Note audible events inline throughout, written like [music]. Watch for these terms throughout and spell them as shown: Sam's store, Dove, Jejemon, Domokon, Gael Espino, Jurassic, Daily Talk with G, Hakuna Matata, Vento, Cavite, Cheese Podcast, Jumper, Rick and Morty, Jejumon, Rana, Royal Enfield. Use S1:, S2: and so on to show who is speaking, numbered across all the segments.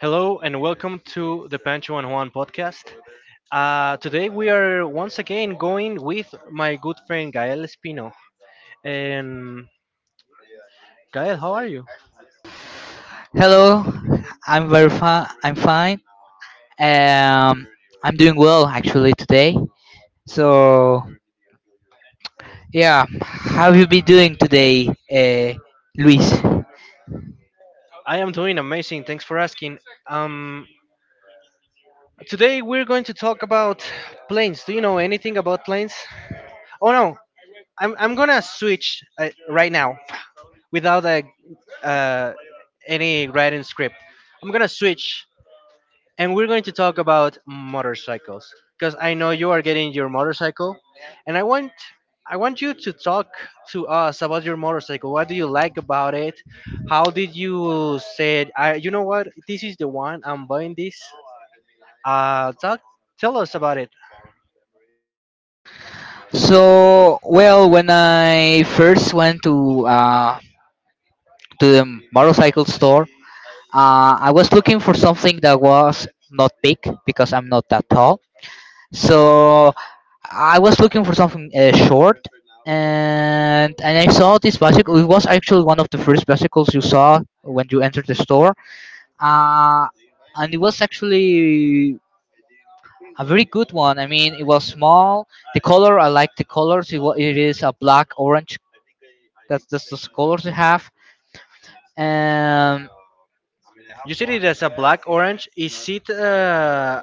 S1: Hello and welcome to the Pancho and Juan podcast. Today we are once again going with my good friend Gael Espino. And Gael, how are you?
S2: Hello, I'm very fine. I'm fine. Um, I'm doing well actually today. So yeah, how have you been doing today, Luis?
S1: I am doing amazing. Thanks for asking. Um, Today we're going to talk about planes. Do you know anything about planes? Oh no, I'm gonna switch right now without uh, any writing script. I'm gonna switch and we're going to talk about motorcycles because I know you are getting your motorcycle, and I want you to talk to us about your motorcycle. What do you like about it? How did you say it? I, you know what? This is the one I'm buying. This. Talk. Tell us about it.
S2: So well, when I first went to the motorcycle store, I was looking for something that was not big because I'm not that tall. So I was looking for something short, and I saw this bicycle. It was actually one of the first bicycles you saw when you entered the store. Uh, and it was actually a very good one. I mean, it was small. The color I like the colors. It is a black orange. That's just the colors they have. Um,
S1: You said it as a black orange. Is it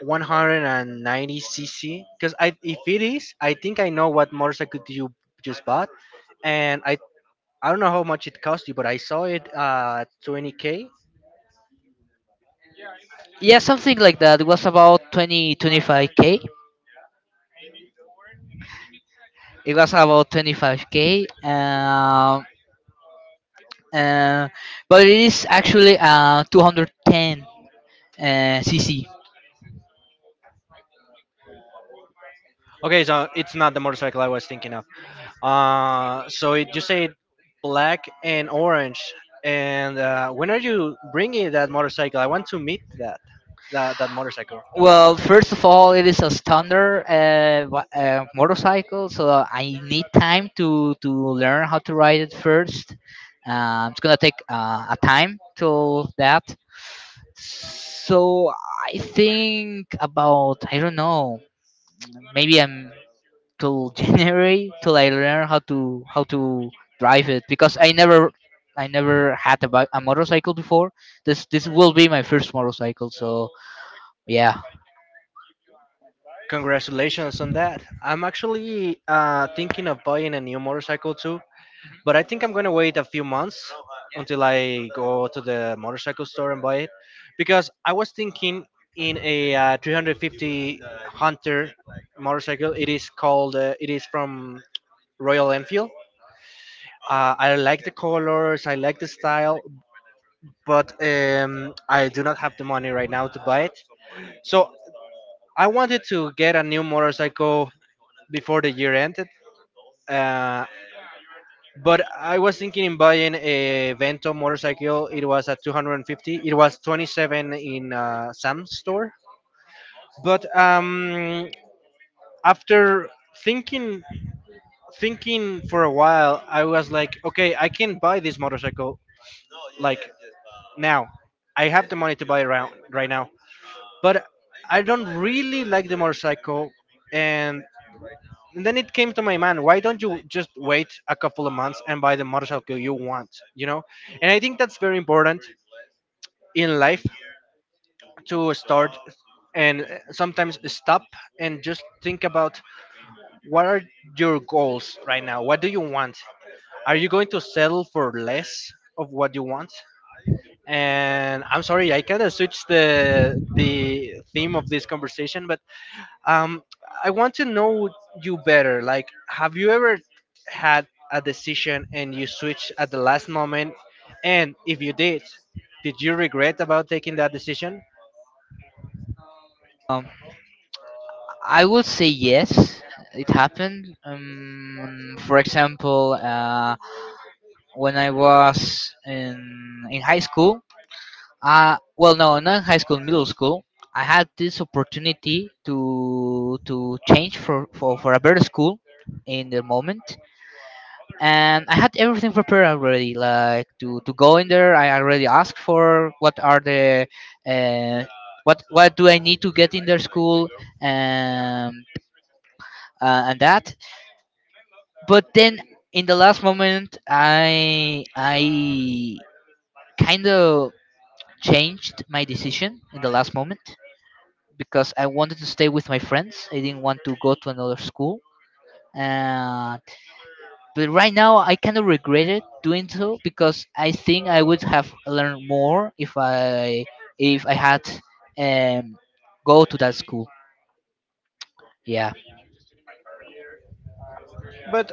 S1: 190 cc? Because I, if it is, I think I know what motorcycle you just bought, and I don't know how much it cost you, but I saw it 20k.
S2: yeah, something like that. It was about twenty twenty five k. It was about 25K. Uh, but it is actually 210 uh, cc.
S1: Okay, so it's not the motorcycle I was thinking of. You say black and orange, and when are you bringing that motorcycle? I want to meet that motorcycle.
S2: Well, first of all, it is a standard motorcycle, so I need time to learn how to ride it first. It's gonna take a time till that. So I think about I don't know, maybe I'm till [laughs] January till I learn how to drive it because I never had a, a motorcycle before. This will be my first motorcycle. So yeah,
S1: Congratulations on that. I'm actually thinking of buying a new motorcycle too. But I think I'm gonna wait a few months until I go to the motorcycle store and buy it, because I was thinking in a 350 Hunter motorcycle. It is called. It is from Royal Enfield. I like the colors. I like the style, but I do not have the money right now to buy it. So I wanted to get a new motorcycle before the year ended. Uh, But I was thinking in buying a Vento motorcycle. It was at 250. It was 27 in Sam's store. But after thinking thinking for a while, I was like, okay, I can buy this motorcycle like now. I have the money to buy it right now. But I don't really like the motorcycle and and then it came to my mind, why don't you just wait a couple of months and buy the motorcycle you want? And I think that's very important in life to start, and sometimes stop and just think about what are your goals right now. What do you want? Are you going to settle for less of what you want? And I'm sorry, I kind of switched the theme of this conversation, but um, I want to know you better. Like, have you ever had a decision and you switched at the last moment? And if you did you regret about taking that decision?
S2: um, I would say yes. It happened. For example, when I was in high school. Not in high school, middle school. I had this opportunity to change for a better school in the moment, and I had everything prepared already. Like to go in there, I already asked for what are the uh, what do I need to get in their school, um, and that. But then in the last moment, I kind of changed my decision in the last moment because I wanted to stay with my friends. I didn't want to go to another school. Uh, but right now I kind of regret it doing so because I think I would have learned more if I had um go to that school. Yeah,
S1: But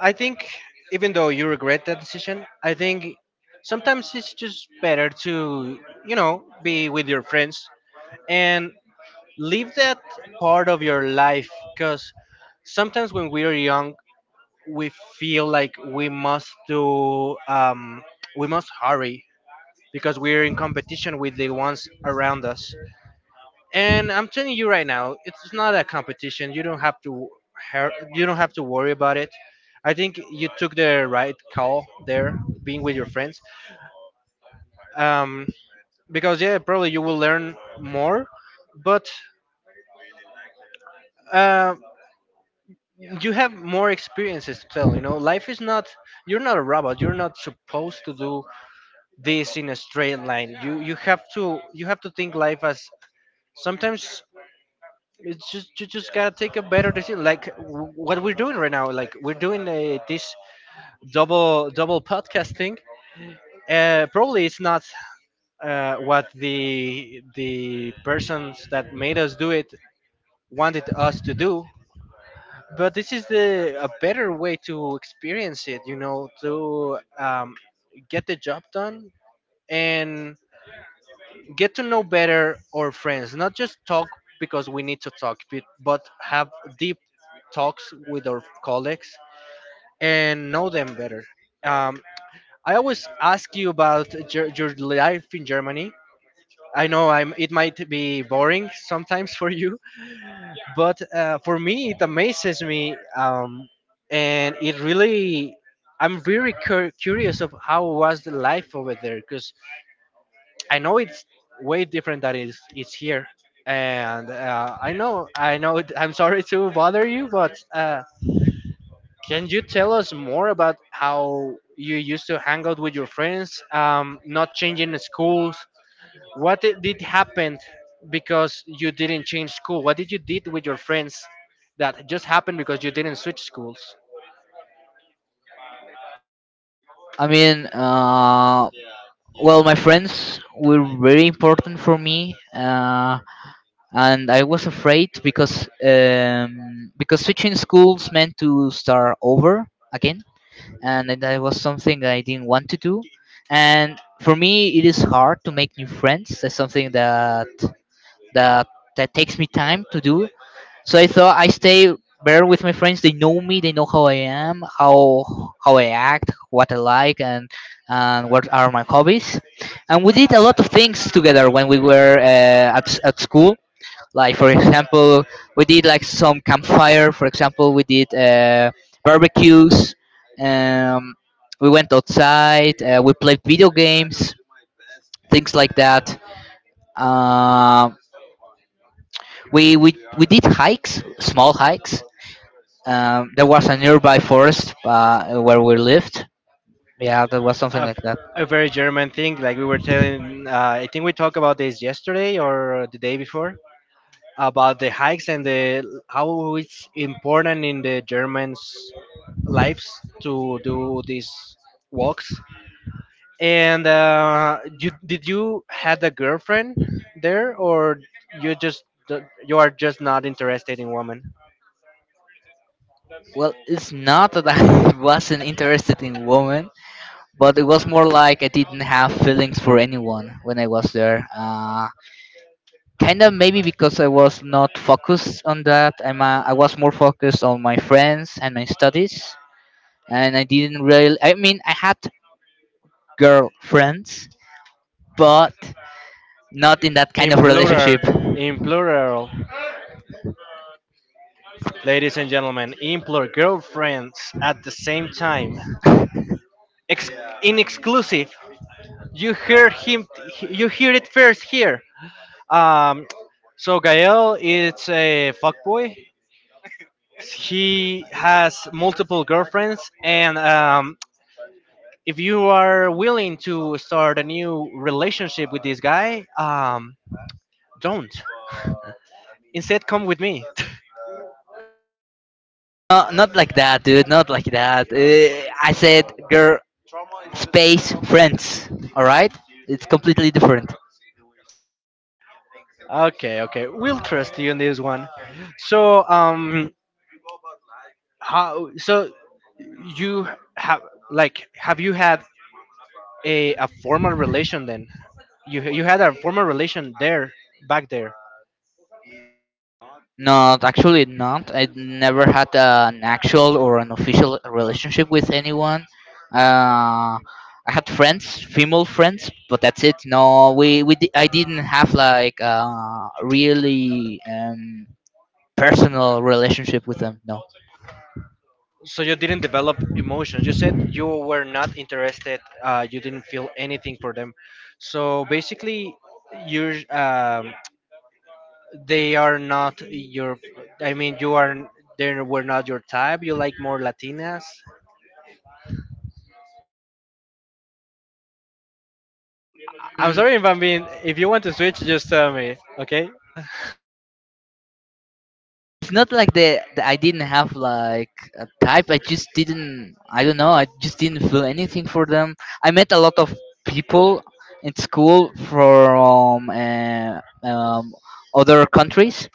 S1: I think even though you regret that decision, I think sometimes it's just better to, you know, be with your friends and live that part of your life, because sometimes when we are young, we feel like we must do, we must hurry because we're in competition with the ones around us. And I'm telling you right now, it's not a competition. You don't have to you don't have to worry about it. I think you took the right call there, being with your friends. Um, because yeah, probably you will learn more, but uh, you have more experiences to tell. You know, life is not. You're not a robot. You're not supposed to do this in a straight line. You have to think life as, sometimes it's just, you just gotta take a better decision, like what we're doing right now, like we're doing this double podcasting. Probably it's not what the persons that made us do it wanted us to do, but this is the a better way to experience it, you know, to get the job done and get to know better our friends, not just talk because we need to talk, but have deep talks with our colleagues and know them better. Um, I always ask you about your life in Germany. I know it might be boring sometimes for you, but for me, it amazes me. And it really, I'm very curious of how was the life over there, because I know it's way different than it's here, and I'm sorry to bother you, but can you tell us more about how you used to hang out with your friends? Not changing the schools. What did happen because you didn't change school? What did you did with your friends that just happened because you didn't switch schools?
S2: I mean, my friends were very important for me, and I was afraid because switching schools meant to start over again, and that was something I didn't want to do. And for me, it is hard to make new friends. That's something that that takes me time to do. So I thought I stay better with my friends. They know me. They know how I am, how I act, what I like, and what are my hobbies. And we did a lot of things together when we were at school. Like for example, we did like some campfire. For example, we did barbecues. Um, we went outside. We played video games, things like that. Um, we did hikes, small hikes. There was a nearby forest where we lived. Yeah, that was something
S1: a,
S2: like that.
S1: a very German thing. Like we were telling, I think we talked about this yesterday or the day before, about the hikes and the how it's important in the Germans' lives to do these walks. And did you had a girlfriend there, or you just you are just not interested in women?
S2: Well, it's not that I [laughs] wasn't interested in women, but it was more like I didn't have feelings for anyone when I was there. Kind of maybe because I was not focused on that. I was more focused on my friends and my studies, and I didn't really. I mean, I had girlfriends, but not in that kind
S1: In
S2: of
S1: plural,
S2: relationship.
S1: in plural, ladies and gentlemen, in plural, girlfriends at the same time. Ex- in exclusive, you hear him, you hear it first here. Um, so Gael is a fuckboy. He has multiple girlfriends, and if you are willing to start a new relationship with this guy, don't. Instead, come with me.
S2: No, not like that, dude. Not like that. I said, girl, space, friends. All right? It's completely different.
S1: [laughs] Okay, okay, we'll trust you in this one. So, how? So you have, like, have you had a formal relation then? You had a formal relation there back?
S2: Not actually not. I never had an actual or an official relationship with anyone. Uh, I had friends, female friends, but that's it. No, I didn't have like a really personal relationship with them. No.
S1: So you didn't develop emotions, you said you were not interested, you didn't feel anything for them. So basically you're um, they are not your you are, they were not your type, you like more latinas. I'm
S2: Mm,
S1: sorry if I'm being, if you want to switch just tell me, okay?
S2: it's not like the I didn't have like a type. I just didn't. I don't know. I just didn't feel anything for them. I met a lot of people in school from other countries.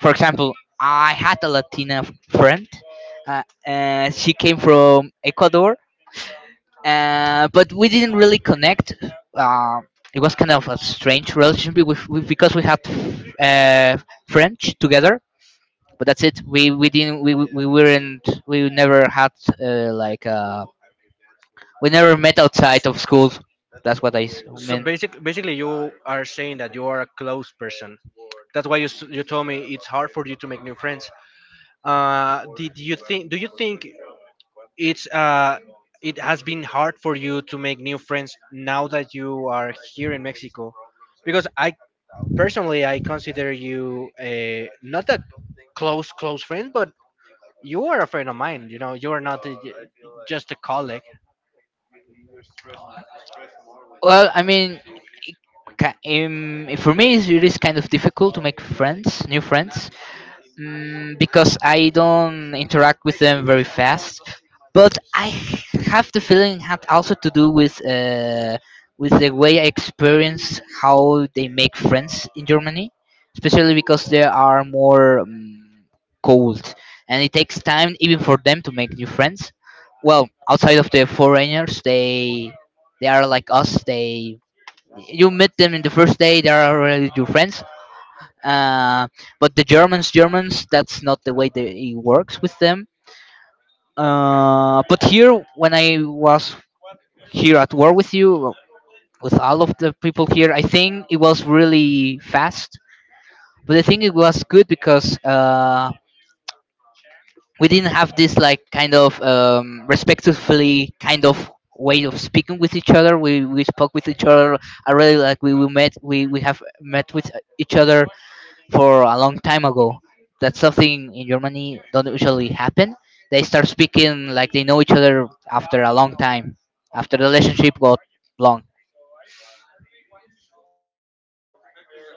S2: For example, I had a Latina friend. She came from Ecuador, but we didn't really connect. Uh, it was kind of a strange relationship because we had uh, French together, but that's it. We didn't we weren't we never had uh, like uh we never met outside of school. That's what I mean.
S1: Basically, you are saying that you are a closed person. That's why you, you told me it's hard for you to make new friends. Did you think Do you think it's it has been hard for you to make new friends now that you are here in Mexico? Because I, personally, I consider you a not a close friend, but you are a friend of mine, you know, you are not just a colleague.
S2: Well, I mean. For me, it is kind of difficult to make friends, new friends, because I don't interact with them very fast. But I have the feeling had also to do with the way I experience how they make friends in Germany, especially because they are more cold, and it takes time even for them to make new friends. Well, outside of the foreigners, they are like us. They you meet them in the first day they are already your friends, uh, but the Germans, that's not the way that it works with them. But here when I was here at war with you, with all of the people here, I think it was really fast, but I think it was good because we didn't have this like kind of respectfully kind of way of speaking with each other. We spoke with each other. I really like we met, we have met with each other for a long time ago. That's something in Germany don't usually happen. They start speaking like they know each other after a long time, after the relationship got long.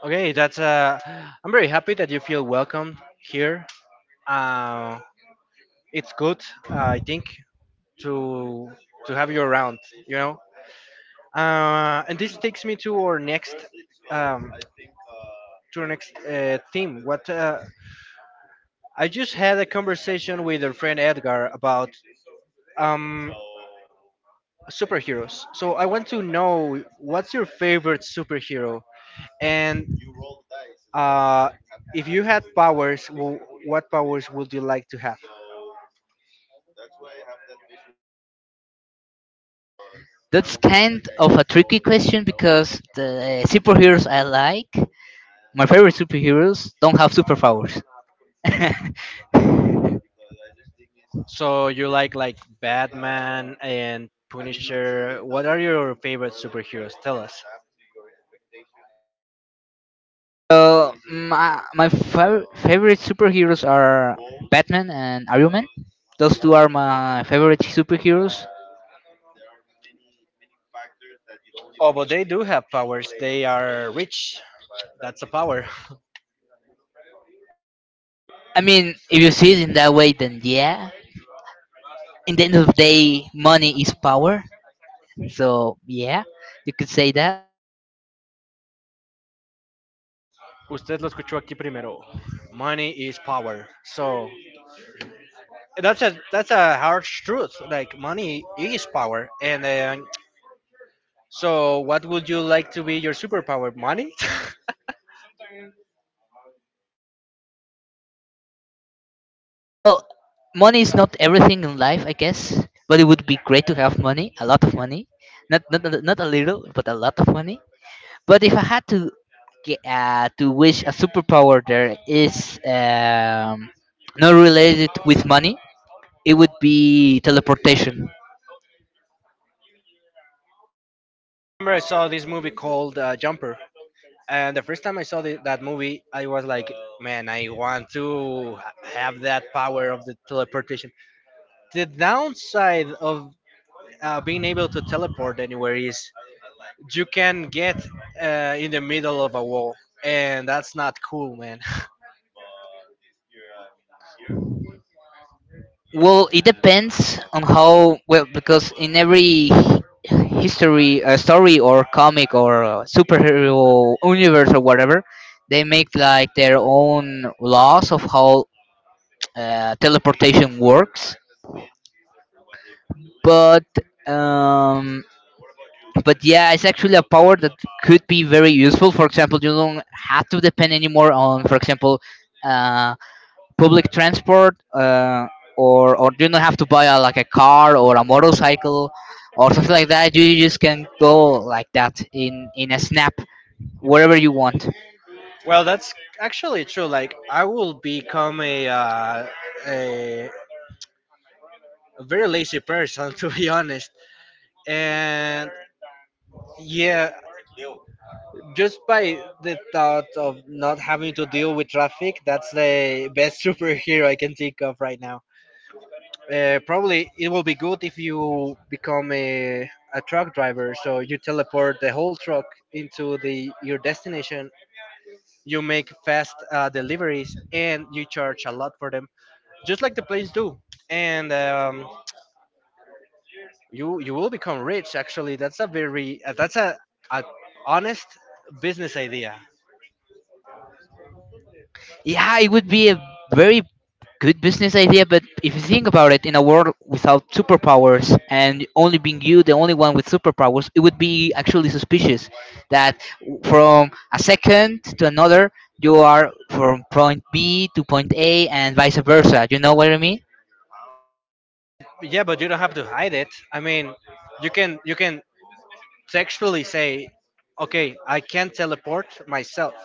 S1: Okay, that's I'm very happy that you feel welcome here. uh it's good, I think, to have you around, you know. And this takes me to our next, um to the next theme. What I just had a conversation with our friend Edgar about um, superheroes. So I want to know what's your favorite superhero, and uh, if you had powers, what powers would you like to have?
S2: That's kind of a tricky question because the superheroes I like, my favorite superheroes, don't have superpowers. [laughs]
S1: So you like Batman and Punisher. What are your favorite superheroes? Tell us.
S2: So favorite superheroes are Batman and Iron Man. Those two are my favorite superheroes.
S1: Oh, but they do have powers. They are rich. That's a power. [laughs]
S2: I mean, if you see it in that way, then yeah. In the end of the day, money is power. So yeah, you could say that.
S1: Usted lo escuchó aquí primero. Money is power. So that's a harsh truth. Like, money is power. And um, so, what would you like to be your superpower? Money. [laughs]
S2: Well, money is not everything in life, I guess. But it would be great to have money, a lot of money, not not a little, but a lot of money. But if I had to get, to wish a superpower, there is not related with money. It would be teleportation.
S1: Remember I saw this movie called Jumper, and the first time I saw that movie, I was like, man, I want to have that power of the teleportation. The downside of being able to teleport anywhere is you can get in the middle of a wall, and that's not cool, man.
S2: Well, it depends on how well because in every history story or comic or superhero universe or whatever, they make like their own laws of how teleportation works. But um, but yeah, it's actually a power that could be very useful. For example, you don't have to depend anymore on, for example, uh, public transport, or you don't have to buy a, like a car or a motorcycle or something like that. You just can go like that in a snap wherever you want.
S1: [laughs] Well, that's actually true. Like, I will become a, a very lazy person [laughs] to be honest. And yeah, just by the thought of not having to deal with traffic, that's the best [laughs] superhero I can think of right now. Probably it will be good if you become a truck driver, so you teleport the whole truck into the your destination, you make fast deliveries and you charge a lot for them, just like the planes do. And you, you will become rich. Actually, that's a very a honest business idea.
S2: Yeah, it would be a very good business idea, but if you think about it, in a world without superpowers and only being you the only one with superpowers, it would be actually suspicious that from a second to another you are from point B to point A and vice versa. You know what I mean?
S1: Yeah, but you don't have to hide it. I mean, you can textually say, okay, I can teleport myself,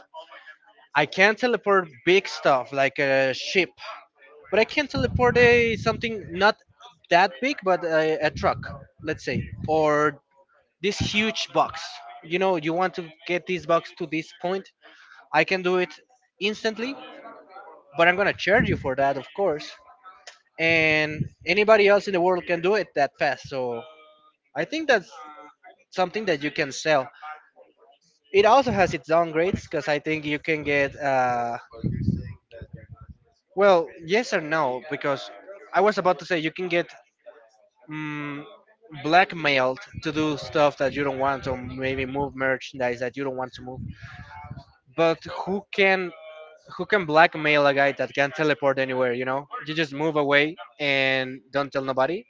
S1: I can teleport big stuff like a ship, but I can teleport a something not that big, but a truck, let's say, or this huge box. You know, you want to get this box to this point. I can do it instantly, but I'm gonna charge you for that, of course. And anybody else in the world can do it that fast. So I think that's something that you can sell. It also has its own grades because I think you can get, well, yes or no, because I was about to say you can get mm blackmailed to do stuff that you don't want, or maybe move merchandise that you don't want to move. But who can blackmail a guy that can teleport anywhere? You know, you just move away and don't tell nobody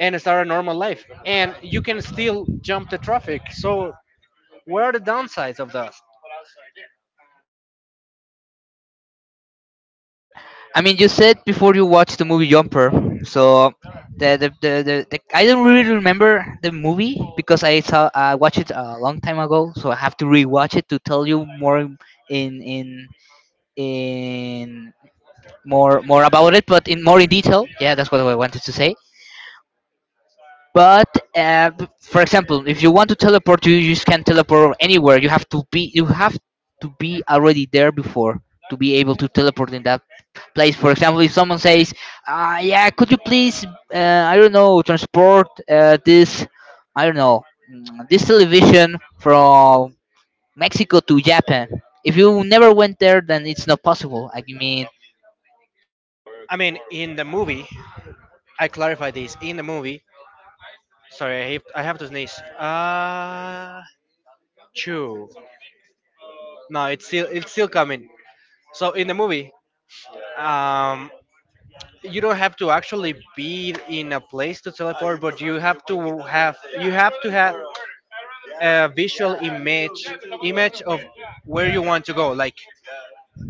S1: and start a normal life, and you can still jump the traffic. So what are the downsides of that?
S2: I mean, you said before you watched the movie Jumper, so the I don't really remember the movie because I watched it a long time ago, so I have to rewatch it to tell you more in in in more about it, but in more in detail. Yeah, that's what I wanted to say. But for example, if you want to teleport, you just can not teleport anywhere. You have to be already there before to be able to teleport in that place. For example, if someone says, "Yeah, could you please, I don't know, transport this, I don't know, this television from Mexico to Japan." If you never went there, then it's not possible.
S1: I mean, in the movie, I clarify this in the movie. Sorry, I have to sneeze. Chew. No, it's still it's still coming. So in the movie, um you don't have to actually be in a place to teleport, but you have to have you have to have a visual image, image of where you want to go. Like,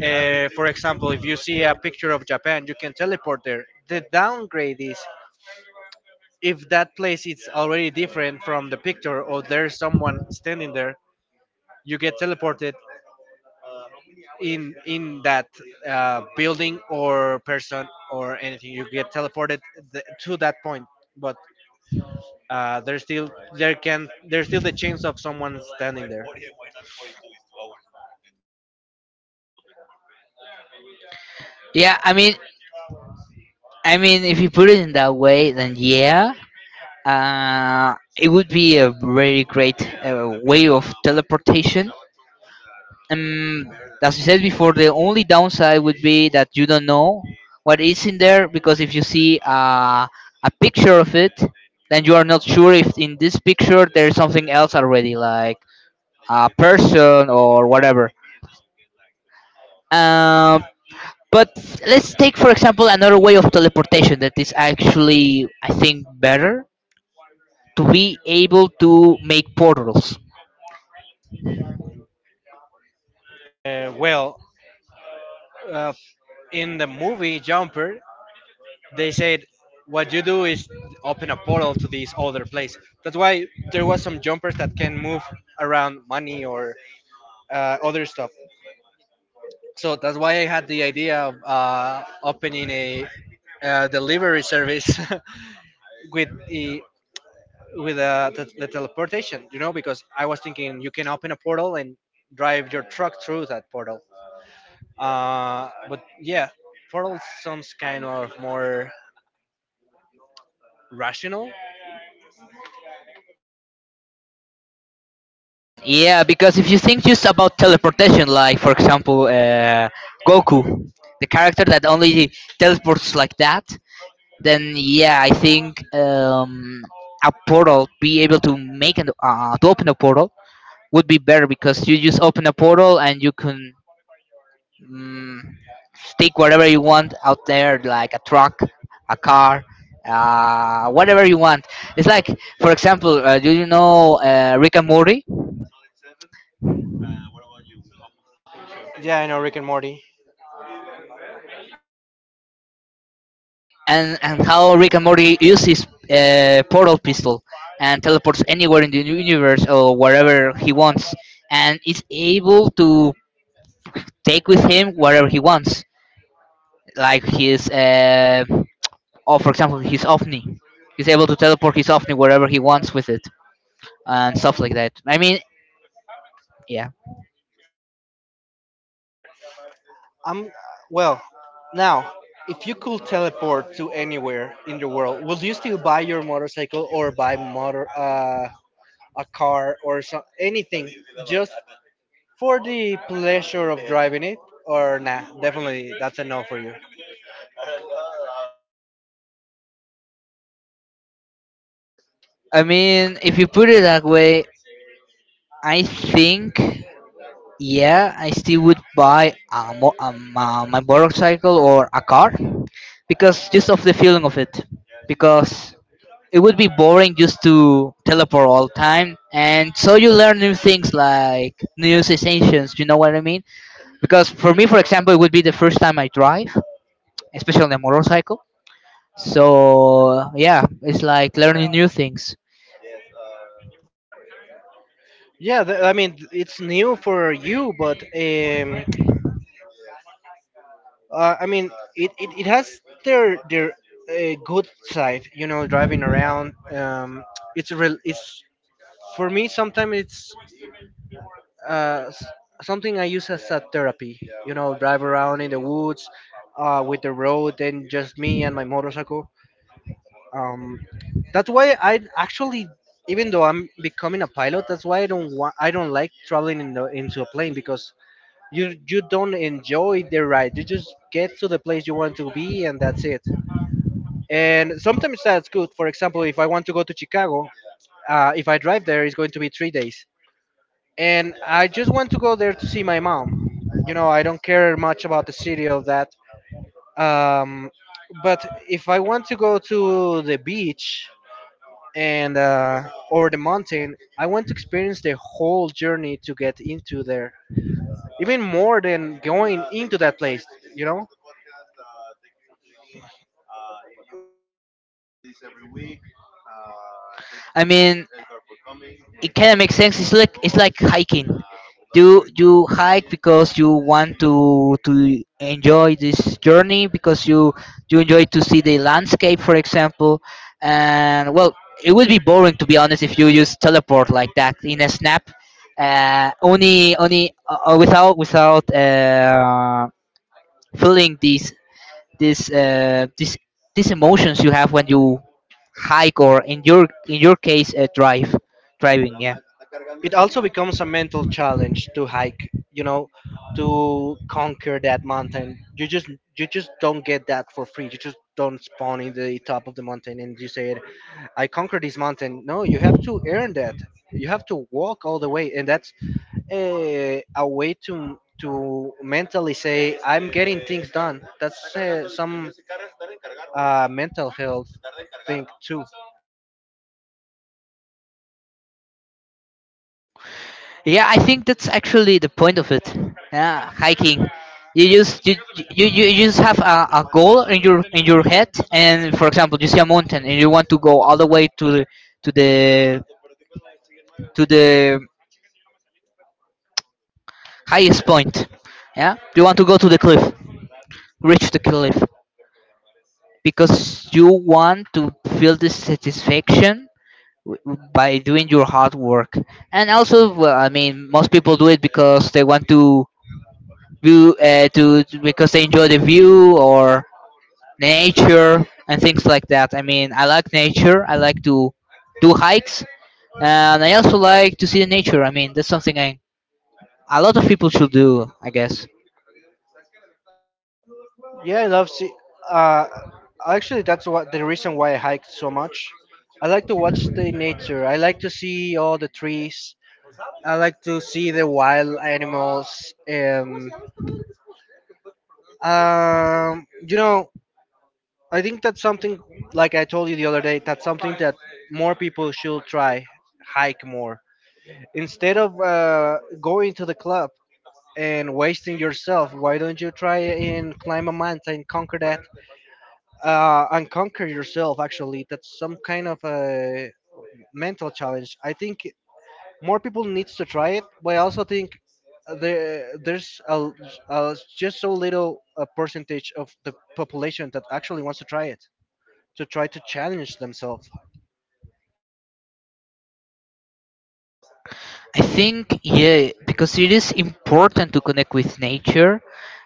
S1: for example, if you see a picture of Japan, you can teleport there. The downgrade is, if that place is already different from the picture, or there's someone standing there, you get teleported in that building or person or anything. You get teleported to that point. But there's still there's still the chance of someone standing there.
S2: Yeah, I mean, if you put it in that way, then yeah, it would be a very great way of teleportation, um, as you said before. The only downside would be that you don't know what is in there because if you see a picture of it, then you are not sure if in this picture there is something else already, like a person or whatever. Um, but let's take, for example, another way of teleportation that is actually, I think, better to be able to make portals.
S1: Well, uh, in the movie Jumper, they said what you do is open a portal to this other place. That's why there was some jumpers that can move around money or other stuff. So that's why I had the idea of opening a delivery service [laughs] with the with the teleportation. You know, because I was thinking you can open a portal and drive your truck through that portal. But yeah, portal sounds kind of more rational?
S2: Yeah, because if you think just about teleportation, like for example, Goku, the character that only teleports like that, then yeah, I think a portal, be able to make an to open a portal would be better because you just open a portal and you can mm take whatever you want out there, like a truck, a car, whatever you want. It's like, for example, do you know Rick and Morty?
S1: Yeah, I know Rick and Morty.
S2: And how Rick and Morty uses portal pistol and teleports anywhere in the universe or wherever he wants, and is able to take with him wherever he wants, like his or for example his ovni. He's able to teleport his ovni wherever he wants with it and stuff like that. I mean, yeah.
S1: I'm well. Now, if you could teleport to anywhere in the world, would you still buy your motorcycle or buy motor a car or so, anything just for the pleasure of driving it? Or nah, definitely that's a no for you.
S2: I mean, if you put it that way, I think. Yeah, I still would buy my motorcycle or a car because just of the feeling of it. Because it would be boring just to teleport all the time, and so you learn new things like new sensations. You know what I mean? Because for me, for example, it would be the first time I drive, especially on a motorcycle. So yeah, it's like learning new things.
S1: Yeah, I mean, it's new for you, but I mean, it has their good side. You know, driving around. It's real. It's, for me sometimes it's uh, s- something I use as a therapy. You know, drive around in the woods with the road and just me and my motorcycle. um, that's why I actually, even though I'm becoming a pilot, that's why I don't want, I don't like traveling in the, into a plane, because you don't enjoy the ride, you just get to the place you want to be and that's it. And sometimes that's good. For example, if I want to go to Chicago, if I drive there, it's going to be 3 days, and I just want to go there to see my mom. You know, I don't care much about the city of that. Um, but if I want to go to the beach and or the mountain, I want to experience the whole journey to get into there, even more than going into that place. You know?
S2: I mean, it kind of makes sense. It's like hiking. You hike because you want to enjoy this journey because you enjoy to see the landscape, for example. And well, it would be boring, to be honest, if you just teleport like that in a snap, only only without feeling these uh, these these emotions you have when you hike, or in your case, drive driving, yeah.
S1: It also becomes a mental challenge to hike, you know, to conquer that mountain. You just you just don't get that for free. You just don't spawn in the top of the mountain and you say, I conquered this mountain. No, you have to earn that. You have to walk all the way. And that's a way to mentally say, I'm getting things done. That's some mental health thing too.
S2: Yeah, I think that's actually the point of it. Yeah, hiking. You just you you, you you just have a goal in your head, and for example, you see a mountain and you want to go all the way to to the the highest point. Yeah, you want to go to the cliff, reach the cliff, because you want to feel the satisfaction by doing your hard work. And also, well, I mean, most people do it because they want to because they enjoy the view or the nature and things like that. I mean, I like nature. I like to do hikes, and I also like to see the nature. I mean, that's something I a lot of people should do, I guess.
S1: Yeah, I love see. Uh, Actually, that's what the reason why I hike so much. I like to watch the nature. I like to see all the trees. I like to see the wild animals. You know, I think that's something, like I told you the other day, that's something that more people should try. Hike more instead of going to the club and wasting yourself. Why don't you try and climb a mountain, conquer that? And conquer yourself. Actually, that's some kind of a mental challenge, I think, more people needs to try it. But I also think there's a just so little a percentage of the population that actually wants to try it, to try to challenge themselves.
S2: I think, yeah, because it is important to connect with nature.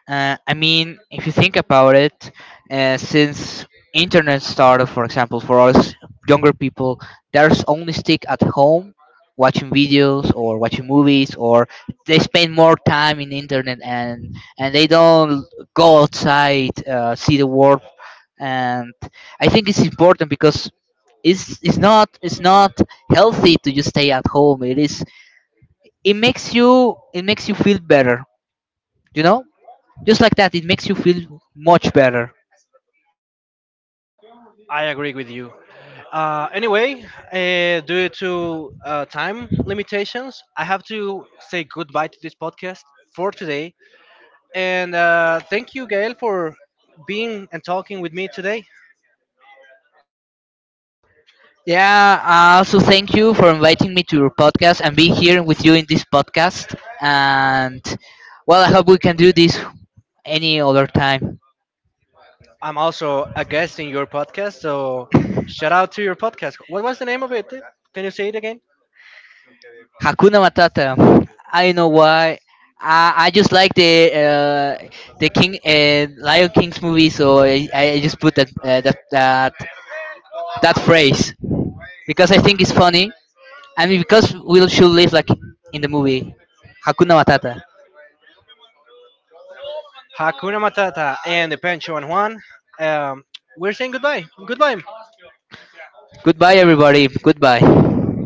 S2: I mean, if you think about it, since internet started, for example, for us younger people, there's only stick at home watching videos or watching movies, or they spend more time in internet, and they don't go outside, see the world. And I think it's important because it's not healthy to just stay at home. It is, it makes you, it makes you feel better, you know, just like that. It makes you feel much better.
S1: I agree with you. Anyway, due to time limitations, I have to say goodbye to this podcast for today. And thank you, Gael, for being and talking with me today.
S2: Yeah, I also thank you for inviting me to your podcast and being here with you in this podcast. And well, I hope we can do this any other time.
S1: I'm also a guest in your podcast, so shout out to your podcast. What was the name of it? Can you say it again?
S2: Hakuna matata. I don't know why. I just like the King, Lion King's movie, so I just put that phrase, because I think it's funny. I mean, because we should live like in the movie Hakuna Matata.
S1: Hakuna Matata and the Pancho and Juan. Um, we're saying goodbye. Goodbye.
S2: Goodbye, everybody. Goodbye.